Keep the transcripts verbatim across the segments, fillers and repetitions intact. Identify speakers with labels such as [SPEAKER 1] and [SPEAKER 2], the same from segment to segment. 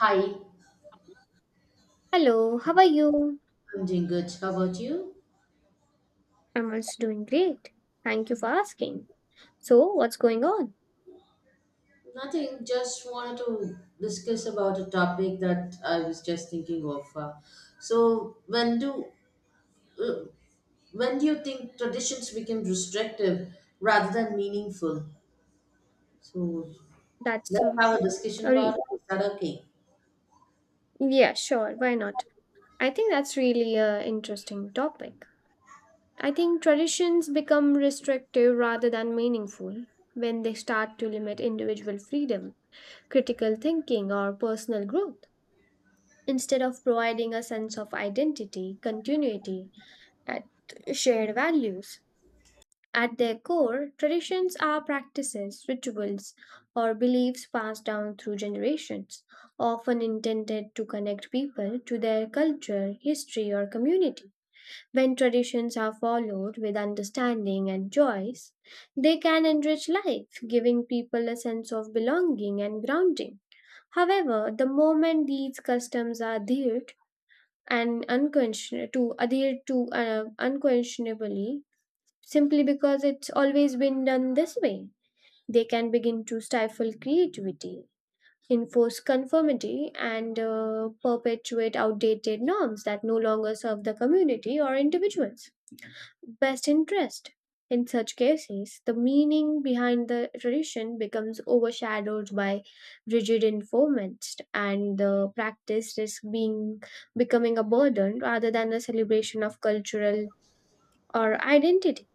[SPEAKER 1] Hi,
[SPEAKER 2] Hello, how are you?
[SPEAKER 1] I'm doing good. How about you?
[SPEAKER 2] I'm also doing great. Thank you for asking. So, what's going on?
[SPEAKER 1] Nothing, just wanted to discuss about a topic that I was just thinking of. Uh, so, when do uh, when do you think traditions become restrictive rather than meaningful? So,
[SPEAKER 2] That's
[SPEAKER 1] let's
[SPEAKER 2] uh,
[SPEAKER 1] have a discussion
[SPEAKER 2] a
[SPEAKER 1] about
[SPEAKER 2] re-
[SPEAKER 1] it. Is that okay?
[SPEAKER 2] yeah, sure, why not? I think that's really a interesting topic. I think traditions become restrictive rather than meaningful when they start to limit individual freedom, critical thinking, or personal growth instead of providing a sense of identity, continuity, and shared values. At their core, traditions are practices, rituals, or beliefs passed down through generations, often intended to connect people to their culture, history, or community. When traditions are followed with understanding and choice, they can enrich life, giving people a sense of belonging and grounding. However, the moment these customs are adhered and unquestion- to adhered to uh, unquestionably simply because it's always been done this way. They can begin to stifle creativity, enforce conformity, and uh, perpetuate outdated norms that no longer serve the community or individuals' best interest. In such cases, the meaning behind the tradition becomes overshadowed by rigid enforcement, and the practice is being becoming a burden rather than a celebration of cultural or identity.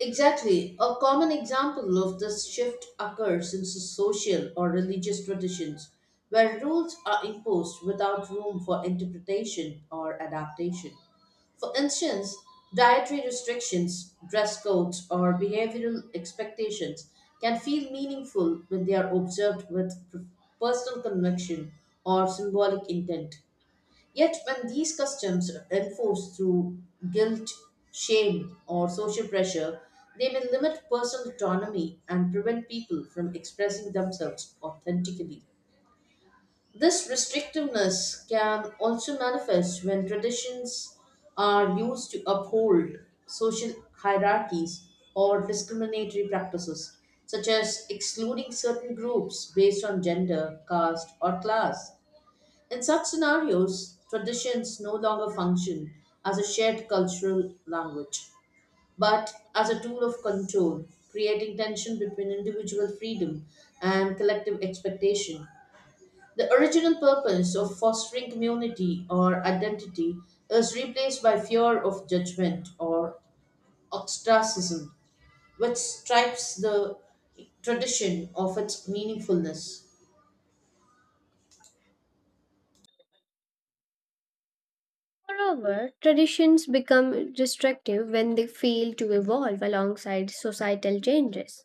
[SPEAKER 1] Exactly. A common example of this shift occurs in so-, social or religious traditions, where rules are imposed without room for interpretation or adaptation. For instance, dietary restrictions, dress codes, or behavioral expectations can feel meaningful when they are observed with per- personal conviction or symbolic intent. Yet, when these customs are enforced through guilt, shame, or social pressure, they may limit personal autonomy and prevent people from expressing themselves authentically. This restrictiveness can also manifest when traditions are used to uphold social hierarchies or discriminatory practices, such as excluding certain groups based on gender, caste, or class. In such scenarios, traditions no longer function as a shared cultural language, but as a tool of control, creating tension between individual freedom and collective expectation. The original purpose of fostering community or identity is replaced by fear of judgment or ostracism, which stripes the tradition of its meaningfulness.
[SPEAKER 2] Moreover, traditions become destructive when they fail to evolve alongside societal changes.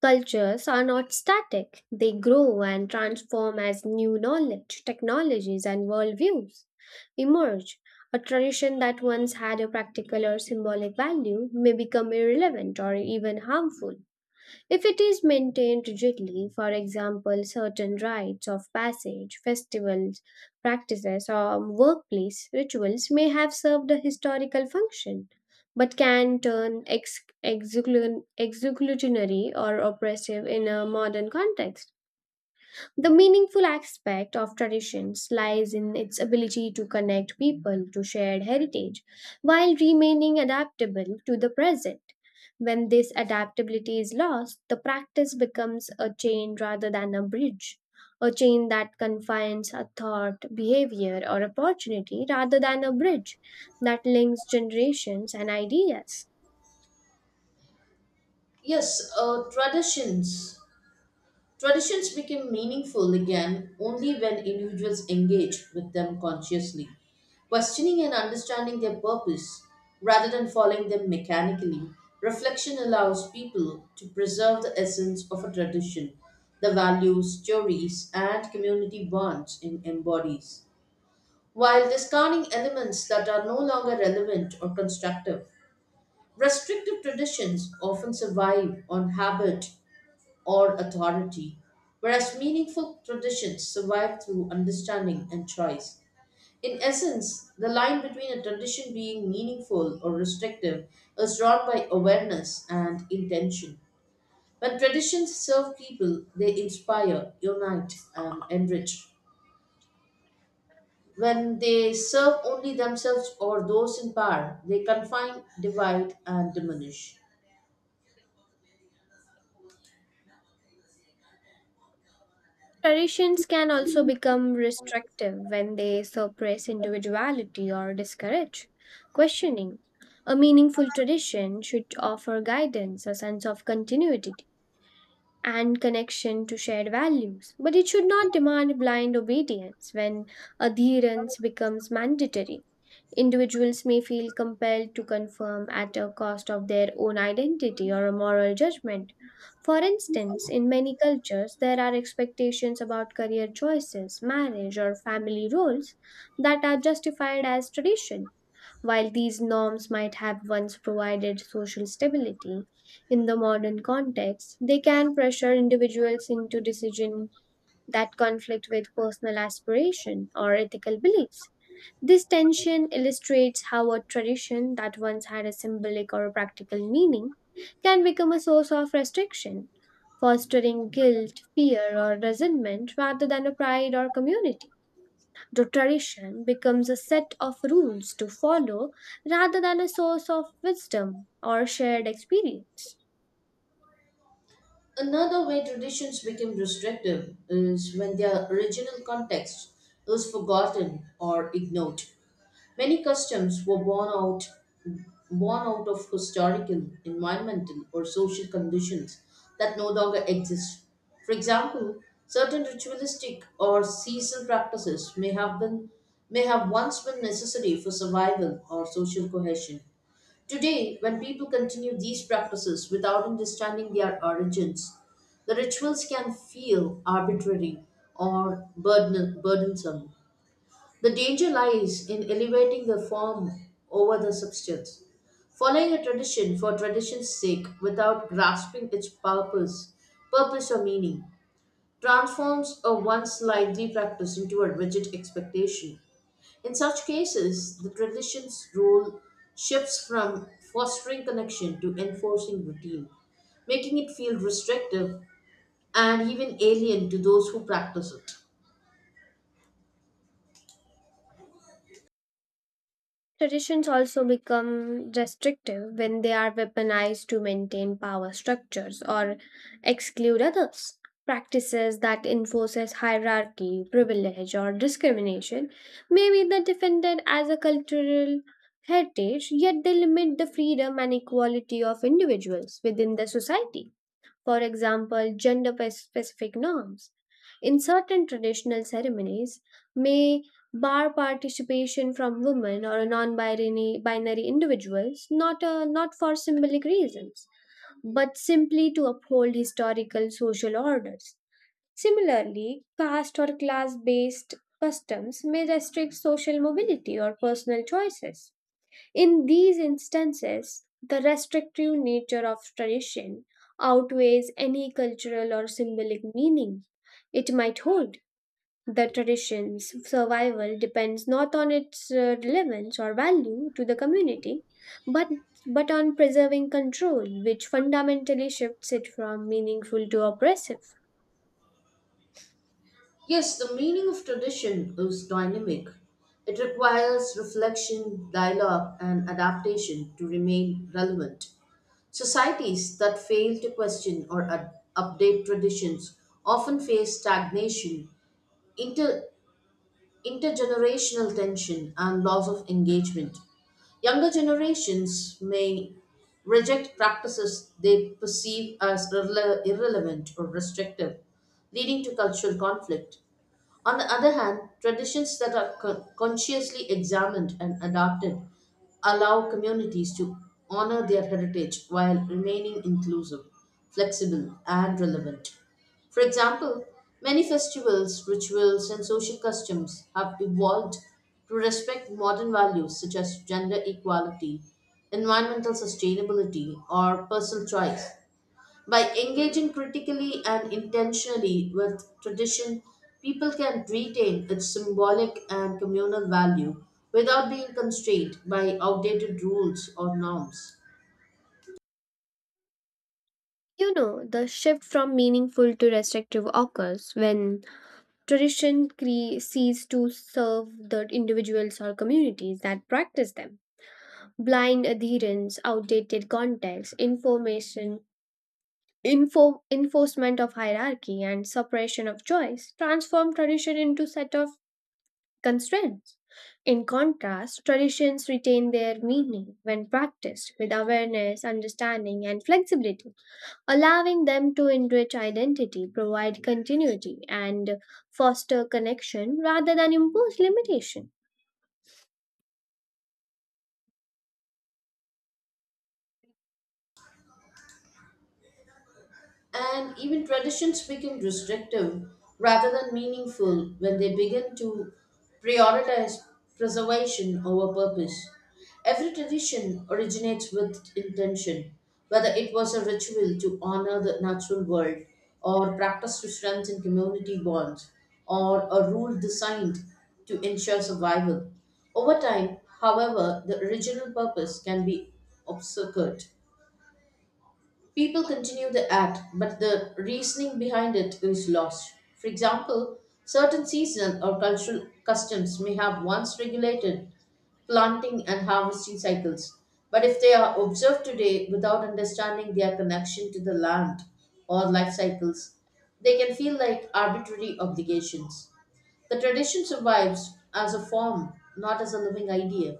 [SPEAKER 2] Cultures are not static, they grow and transform as new knowledge, technologies, and worldviews emerge. A tradition that once had a practical or symbolic value may become irrelevant or even harmful. If it is maintained rigidly, for example, certain rites of passage, festivals, practices, or workplace rituals may have served a historical function, but can turn ex- execution- executionary or oppressive in a modern context. The meaningful aspect of traditions lies in its ability to connect people to shared heritage while remaining adaptable to the present. When this adaptability is lost, the practice becomes a chain rather than a bridge, a chain that confines a thought, behavior, or opportunity rather than a bridge that links generations and ideas.
[SPEAKER 1] Yes, uh, traditions Traditions become meaningful again only when individuals engage with them consciously, questioning and understanding their purpose rather than following them mechanically. Reflection allows people to preserve the essence of a tradition, the values, stories, and community bonds it embodies, while discarding elements that are no longer relevant or constructive. Restrictive traditions often survive on habit or authority, whereas meaningful traditions survive through understanding and choice. In essence, the line between a tradition being meaningful or restrictive is drawn by awareness and intention. When traditions serve people, they inspire, unite, and enrich. When they serve only themselves or those in power, they confine, divide, and diminish.
[SPEAKER 2] Traditions can also become restrictive when they suppress individuality or discourage questioning. A meaningful tradition should offer guidance, a sense of continuity, and connection to shared values, but it should not demand blind obedience when adherence becomes mandatory. Individuals may feel compelled to conform at a cost of their own identity or a moral judgment. For instance, in many cultures, there are expectations about career choices, marriage, or family roles that are justified as tradition. While these norms might have once provided social stability, in the modern context, they can pressure individuals into decisions that conflict with personal aspiration or ethical beliefs. This tension illustrates how a tradition that once had a symbolic or a practical meaning can become a source of restriction, fostering guilt, fear, or resentment rather than a pride or community. The tradition becomes a set of rules to follow rather than a source of wisdom or shared experience.
[SPEAKER 1] Another way traditions become restrictive is when their original context is forgotten or ignored. Many customs were born out born out of historical, environmental, or social conditions that no longer exist. For example, certain ritualistic or seasonal practices may have been may have once been necessary for survival or social cohesion. Today, when people continue these practices without understanding their origins, the rituals can feel arbitrary or burden- burdensome. The danger lies in elevating the form over the substance, following a tradition for tradition's sake without grasping its purpose, purpose or meaning. Transforms a once lively practice into a rigid expectation. In such cases, the tradition's role shifts from fostering connection to enforcing routine, making it feel restrictive and even alien to those who practice it.
[SPEAKER 2] Traditions also become restrictive when they are weaponized to maintain power structures or exclude others. Practices that enforces hierarchy, privilege, or discrimination may be the defended as a cultural heritage, yet they limit the freedom and equality of individuals within the society, for example, gender pe- specific norms in certain traditional ceremonies may bar participation from women or non-binary binary individuals, not uh, not for symbolic reasons but simply to uphold historical social orders. Similarly, caste or class based customs may restrict social mobility or personal choices. In these instances, the restrictive nature of tradition outweighs any cultural or symbolic meaning it might hold. The tradition's survival depends not on its uh, relevance or value to the community, but, but on preserving control, which fundamentally shifts it from meaningful to oppressive.
[SPEAKER 1] Yes, the meaning of tradition is dynamic. It requires reflection, dialogue, and adaptation to remain relevant. Societies that fail to question or ad- update traditions often face stagnation, inter- intergenerational tension, and loss of engagement. Younger generations may reject practices they perceive as irrele- irrelevant or restrictive, leading to cultural conflict. On the other hand, traditions that are con- consciously examined and adapted allow communities to honor their heritage while remaining inclusive, flexible, and relevant. For example, many festivals, rituals, and social customs have evolved to respect modern values such as gender equality, environmental sustainability, or personal choice. By engaging critically and intentionally with tradition, people can retain its symbolic and communal value without being constrained by outdated rules or norms.
[SPEAKER 2] You know, the shift from meaningful to restrictive occurs when Tradition cre- sees to serve the individuals or communities that practice them. Blind adherence, outdated context, information, info, enforcement of hierarchy, and suppression of choice transform tradition into set of constraints. In contrast, traditions retain their meaning when practiced with awareness, understanding, and flexibility, allowing them to enrich identity, provide continuity, and foster connection rather than impose limitation.
[SPEAKER 1] And even traditions become restrictive rather than meaningful when they begin to prioritize preservation over purpose. Every tradition originates with intention, whether it was a ritual to honor the natural world, or practice to strengthen community bonds, or a rule designed to ensure survival. Over time, however, the original purpose can be obscured. People continue the act, but the reasoning behind it is lost. For example, certain seasonal or cultural customs may have once regulated planting and harvesting cycles, but if they are observed today without understanding their connection to the land or life cycles, they can feel like arbitrary obligations. The tradition survives as a form, not as a living idea.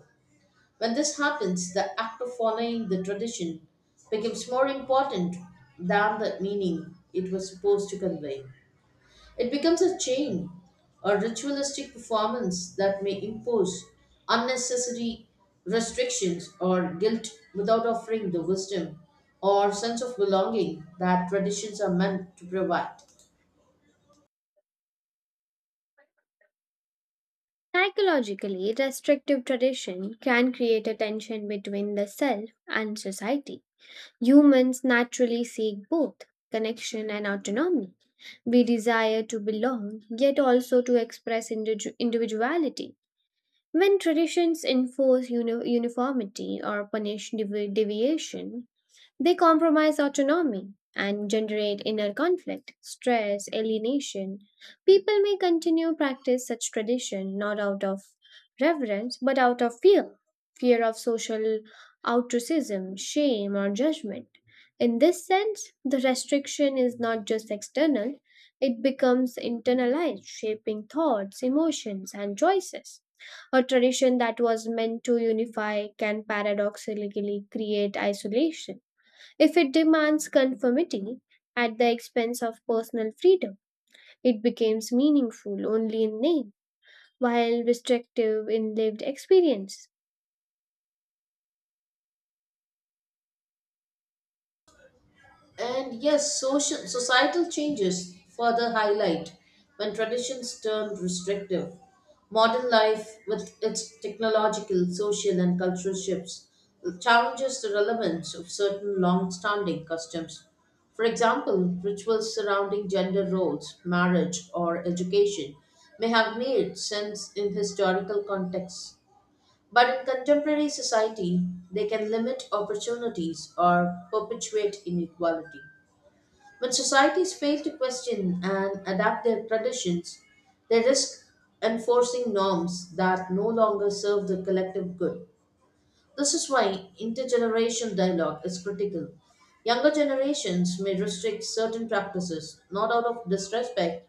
[SPEAKER 1] When this happens, the act of following the tradition becomes more important than the meaning it was supposed to convey. It becomes a chain, a ritualistic performance that may impose unnecessary restrictions or guilt without offering the wisdom or sense of belonging that traditions are meant to provide.
[SPEAKER 2] Psychologically, restrictive tradition can create a tension between the self and society. Humans naturally seek both connection and autonomy. We desire to belong, yet also to express individu- individuality. When traditions enforce uni- uniformity or punish devi- deviation, they compromise autonomy and generate inner conflict, stress, alienation. People may continue practice such tradition not out of reverence but out of fear, fear of social ostracism, shame or judgment. In this sense, the restriction is not just external, it becomes internalized, shaping thoughts, emotions and choices. A tradition that was meant to unify can paradoxically create isolation if it demands conformity at the expense of personal freedom, it becomes meaningful only in name, while restrictive in lived experience.
[SPEAKER 1] And yes, social societal changes further highlight when traditions turn restrictive. Modern life, with its technological, social, and cultural shifts, challenges the relevance of certain long standing customs. For example, rituals surrounding gender roles, marriage, or education may have made sense in historical contexts. But in contemporary society, they can limit opportunities or perpetuate inequality. When societies fail to question and adapt their traditions, they risk enforcing norms that no longer serve the collective good. This is why intergenerational dialogue is critical. Younger generations may restrict certain practices, not out of disrespect,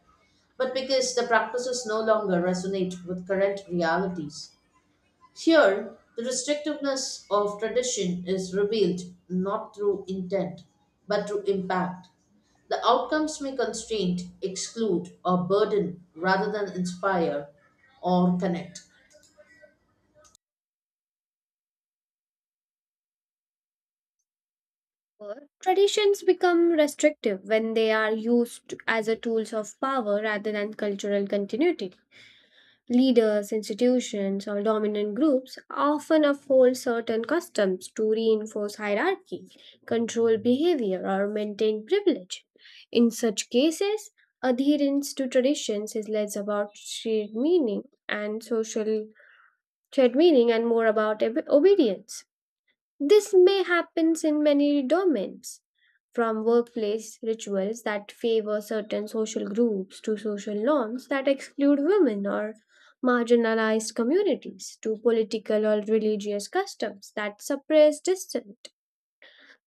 [SPEAKER 1] but because the practices no longer resonate with current realities. Here, the restrictiveness of tradition is revealed not through intent, but through impact. The outcomes may constrain, exclude, or burden rather than inspire or connect.
[SPEAKER 2] Or, traditions become restrictive when they are used as a tools of power rather than cultural continuity. Leaders, institutions, or dominant groups often uphold certain customs to reinforce hierarchy, control behavior, or maintain privilege. In such cases, adherence to traditions is less about shared meaning and social shared meaning and more about ob- obedience. This may happen in many domains, from workplace rituals that favor certain social groups to social norms that exclude women or marginalized communities to political or religious customs that suppress dissent.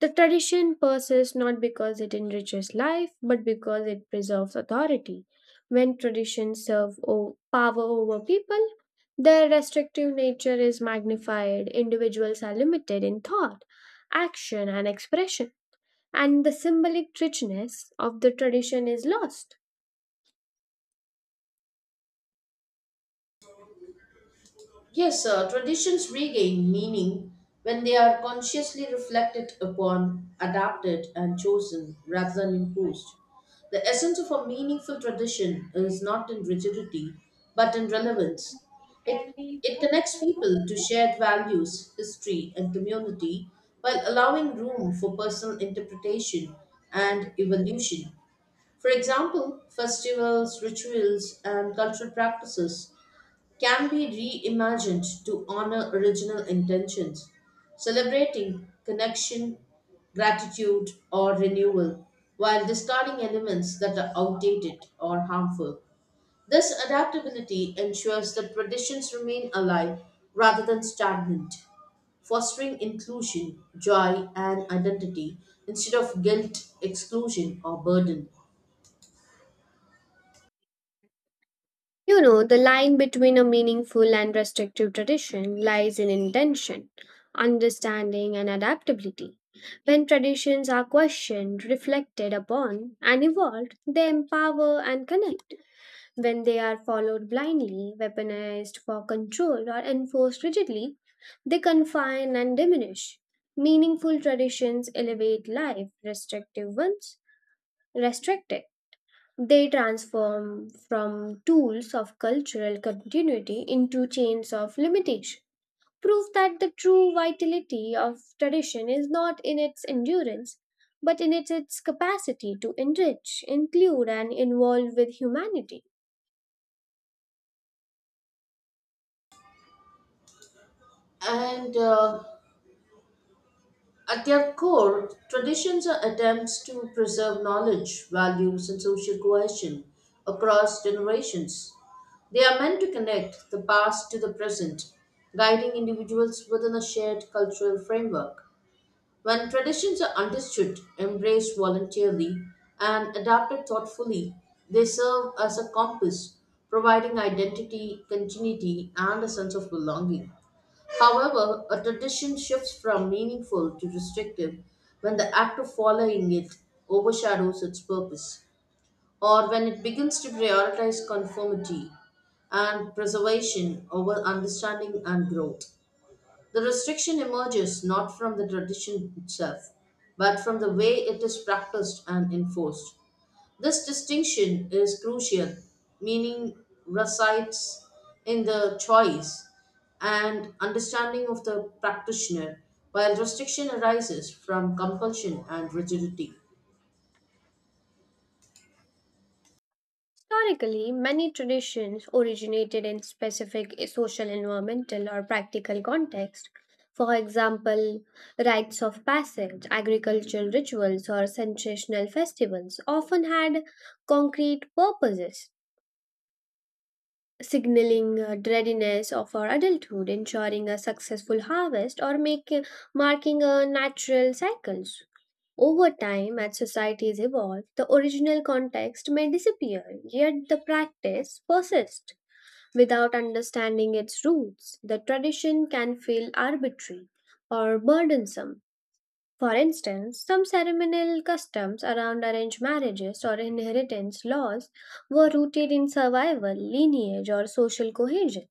[SPEAKER 2] The tradition persists not because it enriches life, but because it preserves authority. When traditions serve o- power over people, their restrictive nature is magnified, individuals are limited in thought, action, and expression, and the symbolic richness of the tradition is lost.
[SPEAKER 1] Yes, uh, traditions regain meaning when they are consciously reflected upon, adapted, and chosen rather than imposed. The essence of a meaningful tradition is not in rigidity but in relevance. It, it connects people to shared values, history, and community while allowing room for personal interpretation and evolution. For example, festivals, rituals, and cultural practices can be reimagined to honor original intentions, celebrating connection, gratitude, or renewal, while discarding elements that are outdated or harmful. This adaptability ensures that traditions remain alive rather than stagnant, fostering inclusion, joy, and identity instead of guilt, exclusion, or burden.
[SPEAKER 2] You know, the line between a meaningful and restrictive tradition lies in intention, understanding, and adaptability. When traditions are questioned, reflected upon, and evolved, they empower and connect. When they are followed blindly, weaponized for control, or enforced rigidly, they confine and diminish. Meaningful traditions elevate life, restrictive ones restrict it. They transform from tools of cultural continuity into chains of limitation. Proof that the true vitality of tradition is not in its endurance, but in its, its capacity to enrich, include, and involve with humanity.
[SPEAKER 1] And uh, At their core, traditions are attempts to preserve knowledge, values, and social cohesion across generations. They are meant to connect the past to the present, guiding individuals within a shared cultural framework. When traditions are understood, embraced voluntarily, and adapted thoughtfully, they serve as a compass, providing identity, continuity, and a sense of belonging. However, a tradition shifts from meaningful to restrictive when the act of following it overshadows its purpose, or when it begins to prioritize conformity and preservation over understanding and growth. The restriction emerges not from the tradition itself, but from the way it is practiced and enforced. This distinction is crucial, meaning resides in the choice and understanding of the practitioner, while restriction arises from compulsion and rigidity.
[SPEAKER 2] Historically, many traditions originated in specific social, environmental, or practical context. For example, rites of passage, agricultural rituals, or sensational festivals often had concrete purposes, signaling uh, readiness of our adulthood, ensuring a successful harvest, or making marking a natural cycles. Over time, as societies evolve, the original context may disappear, yet the practice persists. Without understanding its roots, the tradition can feel arbitrary or burdensome. For instance, some ceremonial customs around arranged marriages or inheritance laws were rooted in survival, lineage, or social cohesion.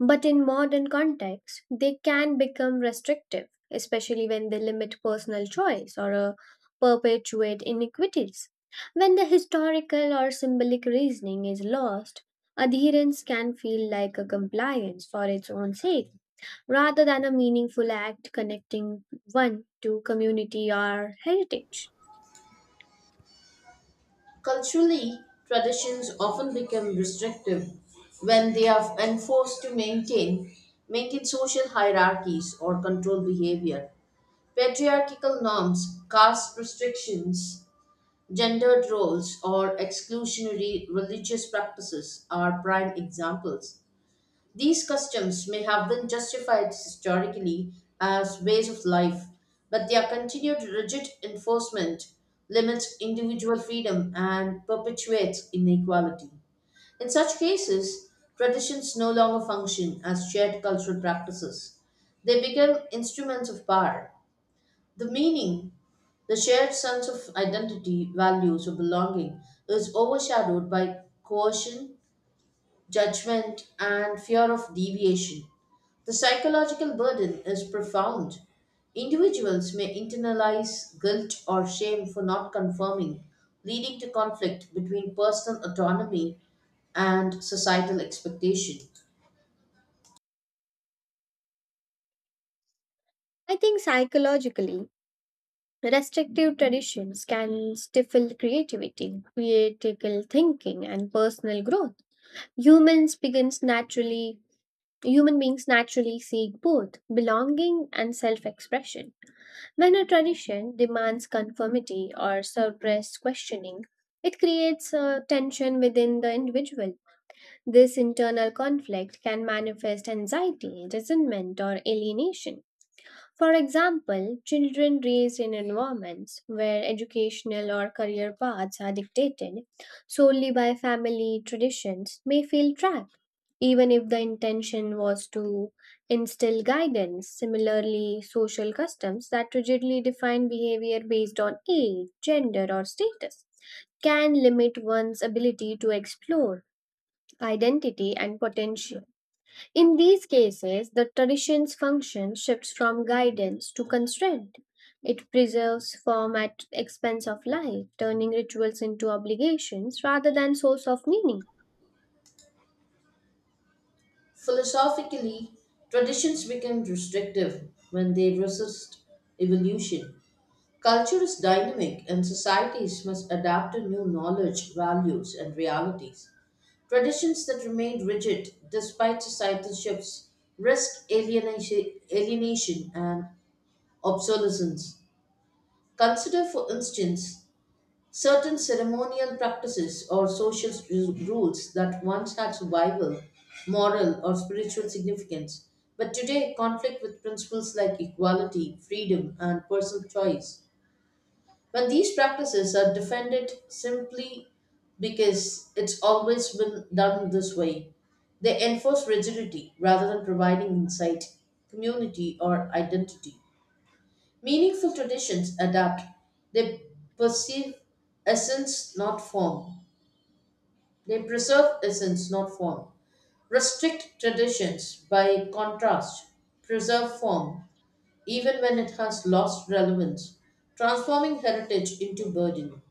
[SPEAKER 2] But in modern contexts, they can become restrictive, especially when they limit personal choice or uh, perpetuate inequities. When the historical or symbolic reasoning is lost, adherence can feel like a compliance for its own sake, rather than a meaningful act connecting one to community or heritage.
[SPEAKER 1] Culturally, traditions often become restrictive when they are when forced to maintain maintain social hierarchies or control behavior. Patriarchal norms, caste restrictions, gendered roles, or exclusionary religious practices are prime examples. These customs may have been justified historically as ways of life, but their continued rigid enforcement limits individual freedom and perpetuates inequality. In such cases, traditions no longer function as shared cultural practices. They become instruments of power. The meaning, the shared sense of identity, values, or belonging is overshadowed by coercion judgment, and fear of deviation. The psychological burden is profound. Individuals may internalize guilt or shame for not conforming, leading to conflict between personal autonomy and societal expectation.
[SPEAKER 2] I think psychologically, restrictive traditions can stifle creativity, critical thinking, and personal growth. Humans begins naturally Human beings naturally seek both belonging and self-expression. When a tradition demands conformity or suppressed questioning, it creates a tension within the individual. This internal conflict can manifest anxiety, resentment, or alienation. For example, children raised in environments where educational or career paths are dictated solely by family traditions may feel trapped even if the intention was to instill guidance. Similarly, social customs that rigidly define behavior based on age, gender, or status can limit one's ability to explore identity and potential. In these cases, the tradition's function shifts from guidance to constraint. It preserves form at expense of life, turning rituals into obligations rather than source of meaning.
[SPEAKER 1] Philosophically, traditions become restrictive when they resist evolution. Culture is dynamic, and societies must adapt to new knowledge, values, and realities. Traditions that remain rigid despite societal shifts risk alienation, alienation and obsolescence. Consider, for instance, certain ceremonial practices or social ru- rules that once had survival, moral, or spiritual significance, but today conflict with principles like equality, freedom, and personal choice. When these practices are defended simply because it's always been done this way, they enforce rigidity rather than providing insight, community, or identity. Meaningful traditions adapt. They perceive essence, not form. They preserve essence, not form. Restrict traditions, by contrast, preserve form, even when it has lost relevance, transforming heritage into burden.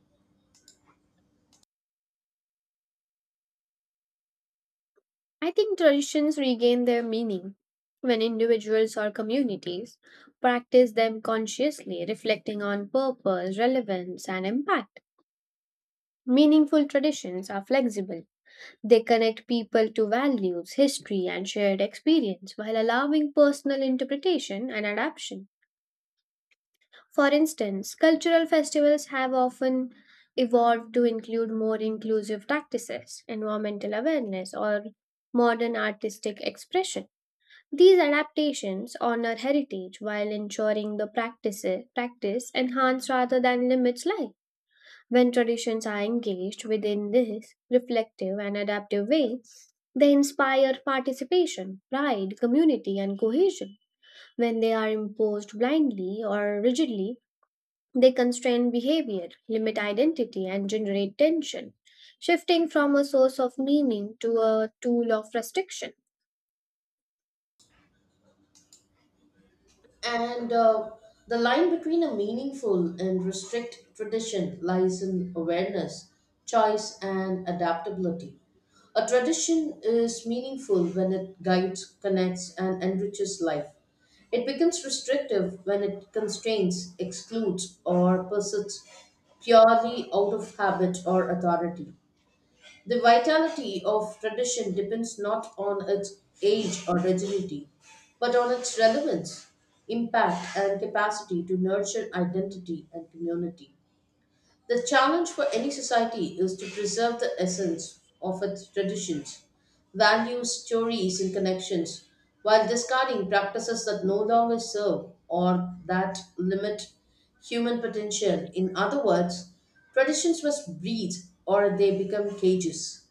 [SPEAKER 2] I think traditions regain their meaning when individuals or communities practice them consciously, reflecting on purpose, relevance, and impact. Meaningful traditions are flexible. They connect people to values, history, and shared experience while allowing personal interpretation and adaptation. For instance, cultural festivals have often evolved to include more inclusive practices, environmental awareness, or modern artistic expression. These adaptations honor heritage while ensuring the practice, practice enhance rather than limits life. When traditions are engaged within this reflective and adaptive way, they inspire participation, pride, community, and cohesion. When they are imposed blindly or rigidly, they constrain behavior, limit identity, and generate tension, shifting from a source of meaning to a tool of restriction.
[SPEAKER 1] And uh, the line between a meaningful and restrict tradition lies in awareness, choice, and adaptability. A tradition is meaningful when it guides, connects, and enriches life. It becomes restrictive when it constrains, excludes, or pursues purely out of habit or authority. The vitality of tradition depends not on its age or rigidity, but on its relevance, impact, and capacity to nurture identity and community. The challenge for any society is to preserve the essence of its traditions, values, stories, and connections, while discarding practices that no longer serve or that limit human potential. In other words, traditions must breathe or they become cages.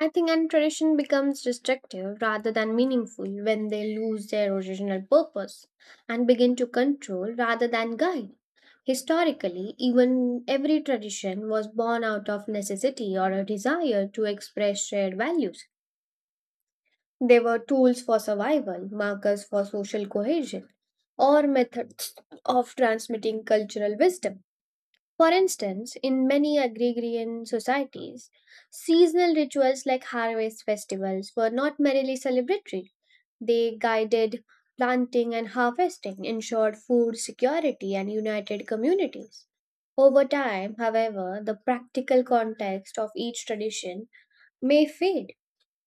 [SPEAKER 2] I think and tradition becomes destructive rather than meaningful when they lose their original purpose and begin to control rather than guide. Historically, even every tradition was born out of necessity or a desire to express shared values. They were tools for survival, markers for social cohesion, or methods of transmitting cultural wisdom. For instance, in many agrarian societies, seasonal rituals like harvest festivals were not merely celebratory. They guided planting and harvesting, ensured food security, and united communities. Over time, however, the practical context of each tradition may fade.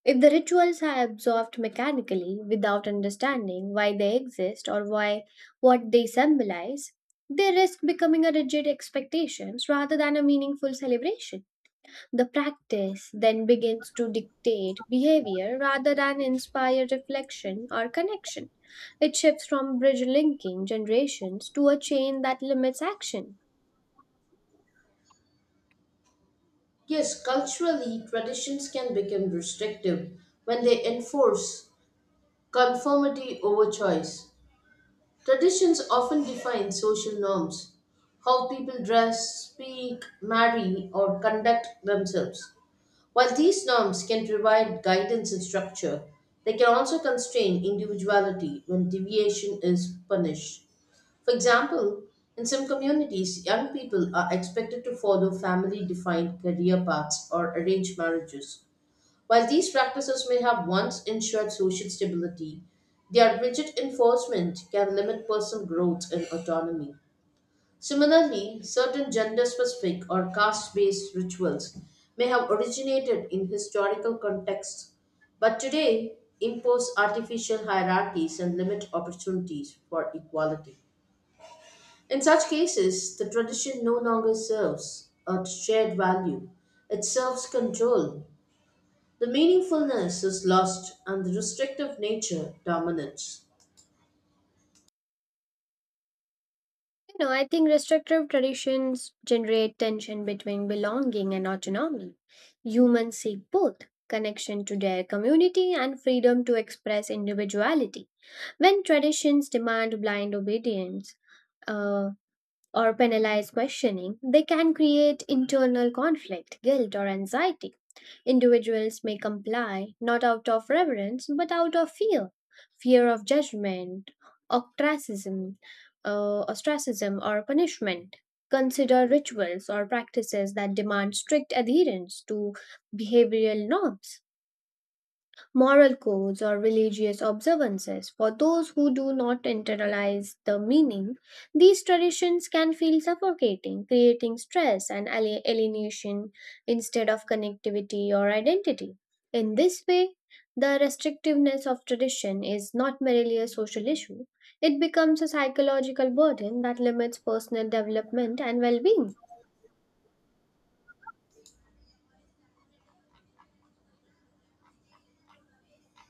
[SPEAKER 2] If the rituals are absorbed mechanically without understanding why they exist or why what they symbolize, they risk becoming a rigid expectations rather than a meaningful celebration. The practice then begins to dictate behavior rather than inspire reflection or connection. It shifts from bridge linking generations to a chain that limits action.
[SPEAKER 1] Yes, culturally, traditions can become restrictive when they enforce conformity over choice. Traditions often define social norms, how people dress, speak, marry, or conduct themselves. While these norms can provide guidance and structure, they can also constrain individuality when deviation is punished. For example, in some communities, young people are expected to follow family defined career paths or arranged marriages. While these practices may have once ensured social stability, their rigid enforcement can limit personal growth and autonomy. Similarly, certain gender specific or caste based rituals may have originated in historical contexts, but today impose artificial hierarchies and limit opportunities for equality. In such cases, the tradition no longer serves a shared value, it serves control. The meaningfulness is lost and the restrictive nature dominates.
[SPEAKER 2] You know, I think restrictive traditions generate tension between belonging and autonomy. Humans seek both connection to their community and freedom to express individuality. When traditions demand blind obedience uh, or penalize questioning, they can create internal conflict, guilt, or anxiety. Individuals may comply, not out of reverence, but out of fear, fear of judgment, ostracism, uh, ostracism or punishment. Consider rituals or practices that demand strict adherence to behavioral norms, moral codes or religious observances. For those who do not internalize the meaning, these traditions can feel suffocating, creating stress and ali- alienation instead of connectivity or identity. In this way, the restrictiveness of tradition is not merely a social issue, it becomes a psychological burden that limits personal development and well being.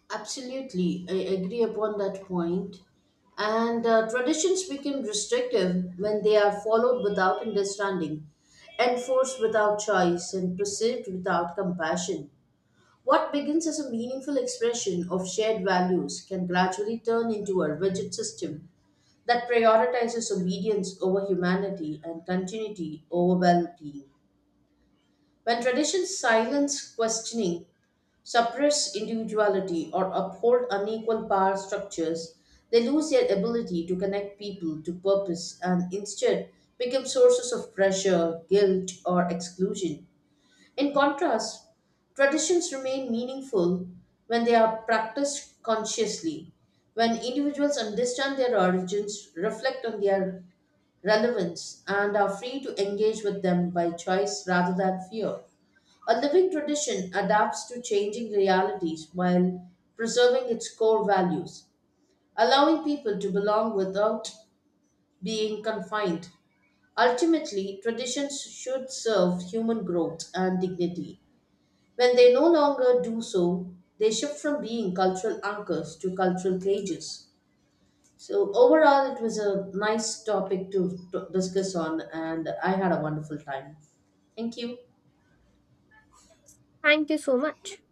[SPEAKER 1] Absolutely, I agree upon that point. And uh, traditions become restrictive when they are followed without understanding, enforced without choice, and perceived without compassion. What begins as a meaningful expression of shared values can gradually turn into a rigid system that prioritizes obedience over humanity and continuity over well being. When traditions silence questioning, suppress individuality, or uphold unequal power structures, they lose their ability to connect people to purpose and instead become sources of pressure, guilt, or exclusion. In contrast, traditions remain meaningful when they are practiced consciously, when individuals understand their origins, reflect on their relevance and are free to engage with them by choice rather than fear. A living tradition adapts to changing realities while preserving its core values, allowing people to belong without being confined. Ultimately, traditions should serve human growth and dignity. When they no longer do so, they shift from being cultural anchors to cultural cages. So overall, it was a nice topic to, to discuss on, and I had a wonderful time. Thank you.
[SPEAKER 2] Thank you so much.